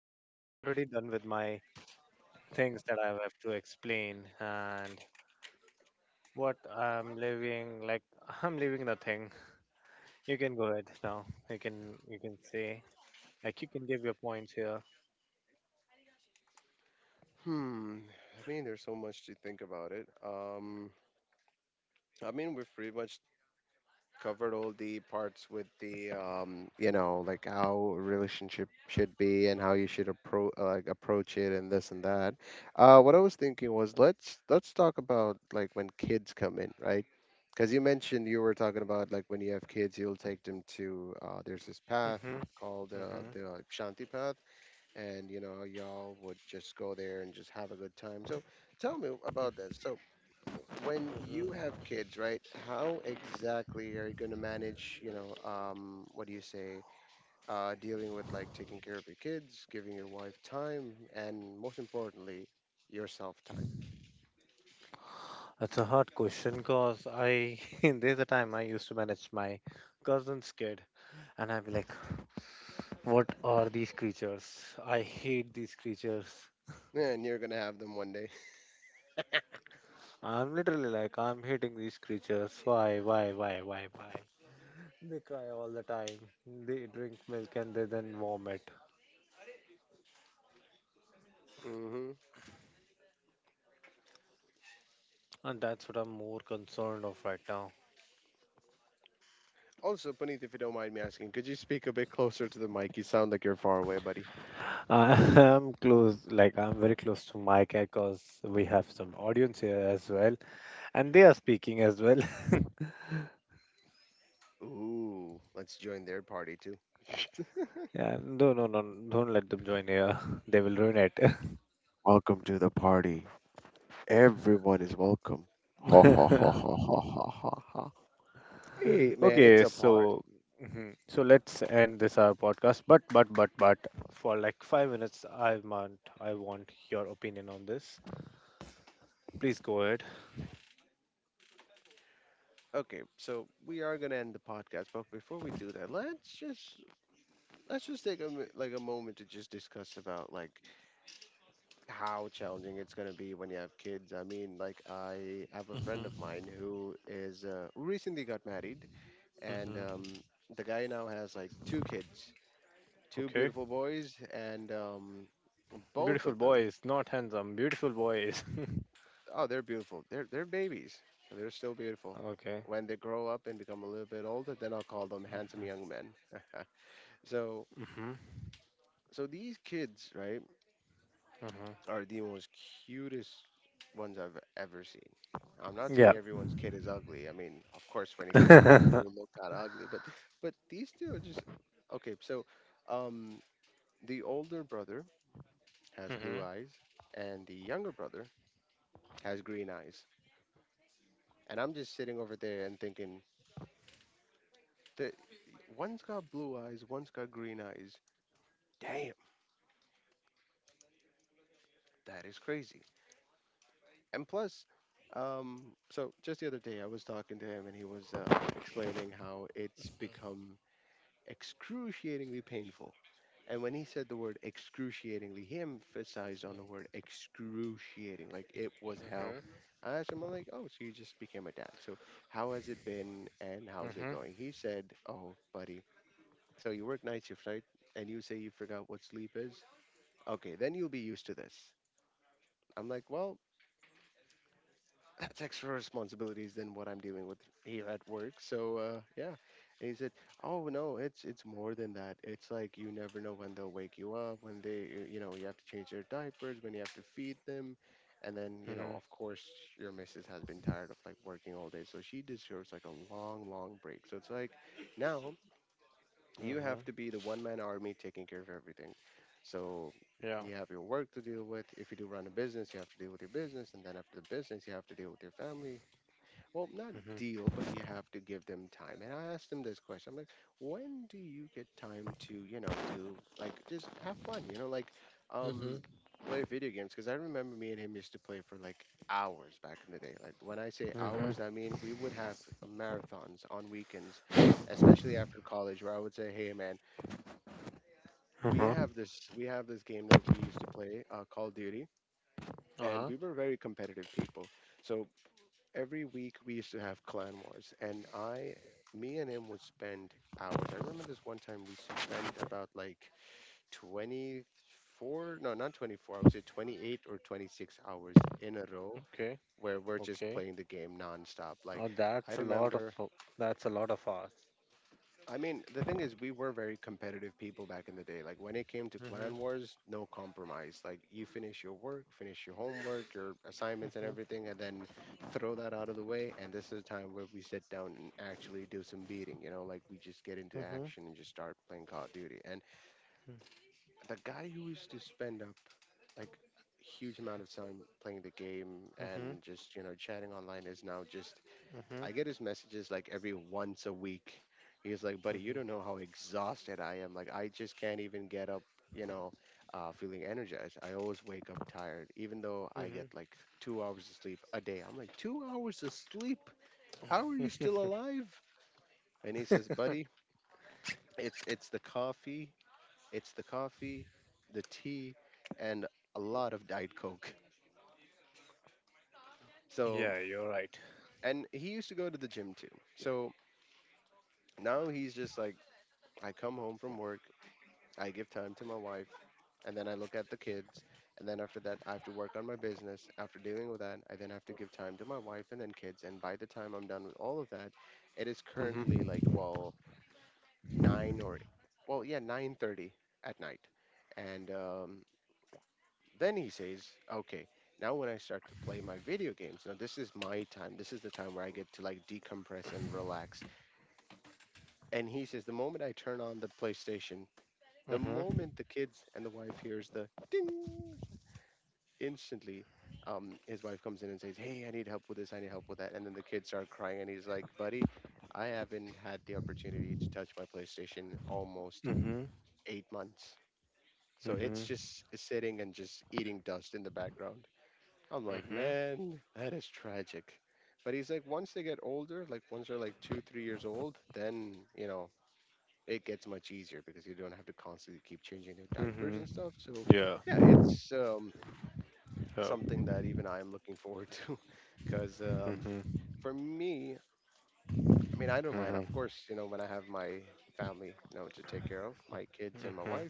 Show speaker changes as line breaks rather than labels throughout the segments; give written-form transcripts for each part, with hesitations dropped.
I'm already done with my things that I have to explain and what I'm living. Like I'm living nothing. You can go ahead now. You can say like you can give your points here.
Hmm. I mean, there's so much to think about it. I mean, we've pretty much covered all the parts with the, like how a relationship should be and how you should approach it and this and that. What I was thinking was let's talk about like when kids come in, right? Because you mentioned you were talking about like when you have kids, you'll take them to, there's this
Hmm.
path called
Hmm.
the Shanti path, and y'all would just go there and just have a good time. So tell me about this. So when you
Hmm.
have kids, right, how exactly are you going to manage, what do you say, dealing with like taking care of your kids, giving your wife time, and most importantly, yourself time.
That's a hard question because I there's a time I used to manage my cousin's kid and I'd be like, what are these creatures? I hate these creatures.
And you're going to have them one day.
I'm literally like, I'm hating these creatures. Why, why? They cry all the time. They drink milk and they then vomit.
Hmm.
And that's what I'm more concerned of right now.
Also, Puneet, if you don't mind me asking, could you speak a bit closer to the mic? You sound like you're far away, buddy.
I'm close, like I'm very close to my cat because we have some audience here as well, and they are speaking as well.
Ooh, let's join their party too.
Yeah, no, no, no, don't let them join here. They will ruin it.
Welcome to the party. Everyone is welcome. Ha ha ha ha ha ha ha ha. Hey, man, it's
Okay,
a party.
so mhm. so let's end this our podcast. But for like 5 minutes, I want your opinion on this. Please go ahead.
Okay, so we are gonna end the podcast, but before we do that, let's just take a mi- like a moment to just discuss about like how challenging it's gonna be when you have kids. I mean, like I have a friend of
Hmm.
mine who recently got married, and
Hmm.
the guy now has like two kids, two
Okay,
beautiful boys, and both
beautiful
of them
boys, not handsome, beautiful boys.
Oh, they're beautiful. They're babies. So they're still beautiful.
Okay.
When they grow up and become a little bit older, then I'll call them handsome young men. so
Mm-hmm.
so these kids, right,
Mm-hmm.
are the most cutest ones I've ever seen. I'm not saying
Yeah.
everyone's kid is ugly. I mean, of course, when you come out, you do
Mm-hmm.
look kind of ugly. But these two are just okay. So, um, the older brother has blue eyes, and the younger brother has green eyes. And I'm just sitting over there and thinking, The, one's got blue eyes, one's got green eyes. Damn, that is crazy. And plus, so just the other day I was talking to him and he was explaining how it's become excruciatingly painful. And when he said the word excruciatingly, he emphasized on the word excruciating, like it was hell.
Mm-hmm.
I asked him, I'm like, oh, so you just became a dad. So how has it been and how's it
Mm-hmm.
going? He said, oh, buddy, so you work night shift, right? And you say you forgot what sleep is? Okay, then you'll be used to this. I'm like, well, that's extra responsibilities than what I'm dealing with here at work. So, yeah. And he said, oh no, it's more than that. It's like you never know when they'll wake you up, when they you know you have to change their diapers, when you have to feed them, and then
Mm-hmm.
of course your missus has been tired of like working all day, so she deserves like a long long break. So it's like now you have
Mm-hmm.
to be the one man army taking care of everything. So
Yeah.
you have your work to deal with. If you do run a business, you have to deal with your business, and then after the business, you have to deal with your family, well, not deal,
Mm-hmm.
but you have to give them time. And I asked him this question. I'm like, when do you get time to, do like just have fun, like um
Hmm.
play video games? Because I remember me and him used to play for like hours back in the day. Like when I say
Mm-hmm.
hours, I mean we would have marathons on weekends, especially after college, where I would say, hey man, we
Uh-huh.
have this we have this game that we used to play, Call of Duty, and
Uh-huh.
we were very competitive people. So every week we used to have clan wars, and I me and him would spend hours. I remember this one time we spent about like 24, no, not 24, I would say 28 or 26 hours in a row
Okay.
where we're just
Okay.
playing the game nonstop.
Oh,
I
that's a lot of
remember
that's a lot of
I mean, the thing is, we were very competitive people back in the day. Like when it came to clan
hours.
wars, no compromise. Like you finish your work, finish your homework, your assignments, and
Mm-hmm.
everything, and then throw that out of the way. And this is the time where we sit down and actually do some beating. Like we just get into action and just start playing Call of Duty. And the guy who used to spend up like huge amount of time playing the game
Mm-hmm.
and just chatting online is now just
Mm-hmm.
I get his messages like every once a week. He's like, buddy, you don't know
Mm-hmm.
how exhausted I am. Like, I just can't even get up, you know, feeling energized. I always wake up tired, even though I get
Mm-hmm.
like 2 hours of sleep a day. I'm like, 2 hours of sleep? How are you still alive? And he says, buddy, it's the coffee, it's the coffee, the tea, and a lot of Diet Coke. So,
Yeah, you're right.
and he used to go to the gym too. So now he's just like, I come home from work. I give time to my wife, and then I look at the kids, and then after that, I have to work on my business. After dealing with that, I then have to give time to my wife and then kids. And by the time I'm done with all of that, it is currently like,
Mm-hmm.
well, nine, or, well, yeah, 9:30 at night. And then he says, okay, now when I start to play my video games, now this is my time. This is the time where I get to like decompress and relax. And he says, the moment I turn on the PlayStation, the
Mm-hmm.
moment the kids and the wife hears the ding instantly, his wife comes in and says, "Hey, I need help with this. I need help with that." And then the kids start crying, and he's like, "Buddy, I haven't had the opportunity to touch my PlayStation almost
Mm-hmm.
8 months." So it's
Mm-hmm.
just sitting and just eating dust in the background. I'm like,
Mm-hmm.
man, that is tragic. But he's like, once they get older, like once they're like two, 3 years old, then, it gets much easier because you don't have to constantly keep changing their diapers and
Mm-hmm.
stuff. So,
Yeah.
yeah,
Yeah.
it's something that even I am looking forward to, because
Mm-hmm.
for me, I mean, I don't mind. Of
Mm-hmm.
course, when I have my family, to take care of, my kids and my
Mm-hmm.
wife,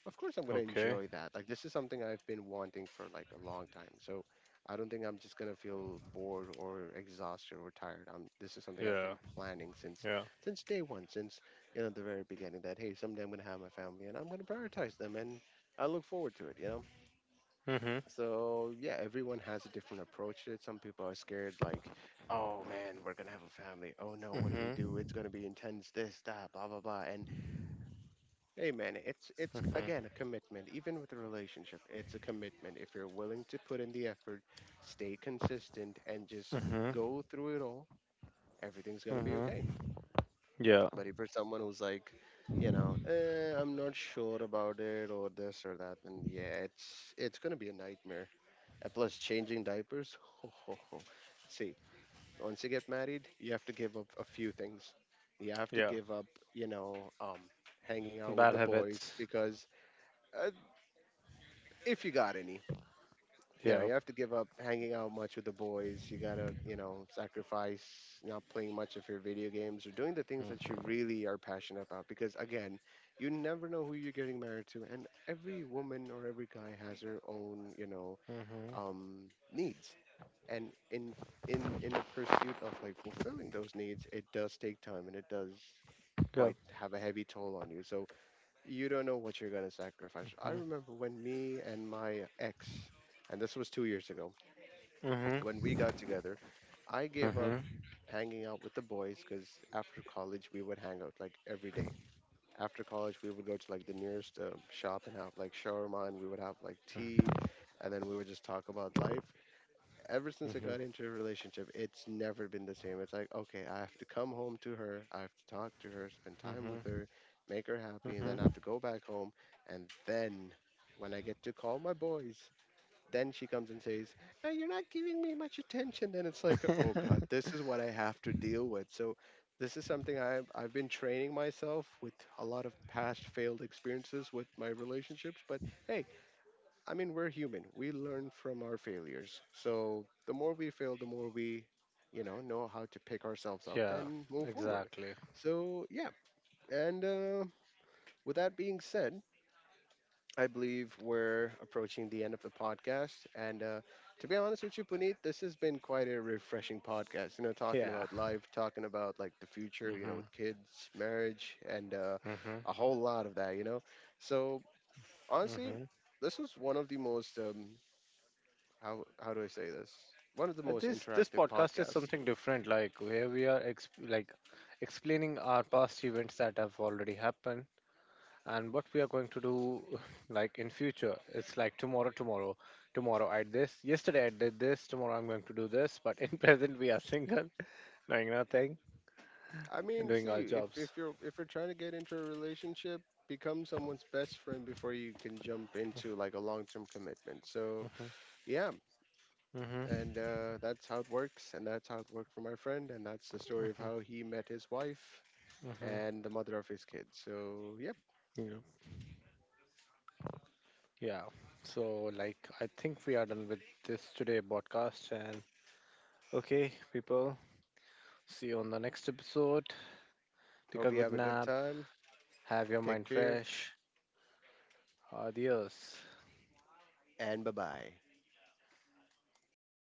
of course, I'm gonna
Okay.
enjoy that. Like this is something I've been wanting for like a long time. So I don't think I'm just gonna feel bored or exhausted or tired. This is something I've been
Yeah.
planning since
Yeah.
since day one, since the very beginning. That, hey, someday I'm gonna have my family and I'm gonna prioritize them, and I look forward to it. You know,
Mm-hmm.
so yeah, everyone has a different approach to it. Some people are scared, like, "Oh man, we're gonna have a family. Oh no, what do we do? It's
Mm-hmm.
gonna be intense. This, that, blah, blah, blah." And hey, man, it's
Mm-hmm.
again a commitment. Even with a relationship, it's a commitment. If you're willing to put in the effort, stay consistent, and just
Mm-hmm.
go through it all, everything's gonna be okay.
Mm-hmm. Yeah.
But if you're someone who's like, I'm not sure about it or this or that, then yeah, it's gonna be a nightmare, and plus, changing diapers. Ho, ho, ho. See, once you get married, you have to give up a few things. You have to
Yeah.
give up, you know, um, hanging out with the
Bad
boys
habits.
because, uh, if you got any, you
Yeah.
have to give up hanging out much with the boys. You gotta, sacrifice not playing much of your video games or doing the things that you really are passionate about. Because again, you never know who you're getting married to, and every woman or every guy has their own,
Mm-hmm.
needs, and in f- in the pursuit of like fulfilling those needs, it does take time and it does quite
Yeah.
have a heavy toll on you. So you don't know what you're going to sacrifice. I remember when me and my ex, and this was 2 years ago when
Mm-hmm.
we got together, I gave up
Mm-hmm.
hanging out with the boys, cuz after college we would hang out like every day. After college we would go to like the nearest shop and have like shawarma, and we would have like tea, and then we would just talk about life. Ever since I
Mm-hmm.
got into a relationship, it's never been the same. It's like, okay, I have to come home to her, I have to talk to her, spend time with her, make her happy, and then I have
Mm-hmm.
to go back home. And then when I get to call my boys, then she comes and says, "Hey, you're not giving me much attention." Then it's like, oh God,
Mm-hmm.
this is what I have to deal with. So this is something I've been training myself with a lot of past failed experiences with my relationships. But hey, I mean, we're human. We learn from our failures. So the more we fail, the more we, know how to pick ourselves up
Yeah.
and move forward.
Exactly.
So yeah. And, with that being said, I believe we're approaching the end of the podcast. And, to be honest with you, Puneet, this has been quite a refreshing podcast. Talking about
Yeah.
life, talking about like the future. With
Mm-hmm.
kids, marriage, and
Mm-hmm.
a whole lot of that. So honestly,
Mm-hmm.
this was one of the most, how do I say this? One of the most
This this
interactive
podcast is
podcasts.
something different, like where we are ex like explaining our past events that have already happened and what we are going to do like in future. It's like tomorrow, tomorrow, tomorrow I did this, yesterday I did this, tomorrow I'm going to do this, but in present we are single, doing nothing
I mean,
and doing our
see, if if
jobs.
you're if you're trying to get into a relationship, become someone's best friend before you can jump into like a long-term commitment. So,
Mm-hmm.
yeah, and,
Mm-hmm.
that's how it works, and that's how it worked for my friend, and that's the story of how he met his wife
Mm-hmm.
and the mother of his kids. So, yeah,
Yeah. Yeah. So like I think we are done with this today podcast and okay, people. See you on the next episode.
hope
Take
you
a
have a
good
good
nap.
time.
Have your
Take
mind
care,
fresh. Adios.
and bye-bye.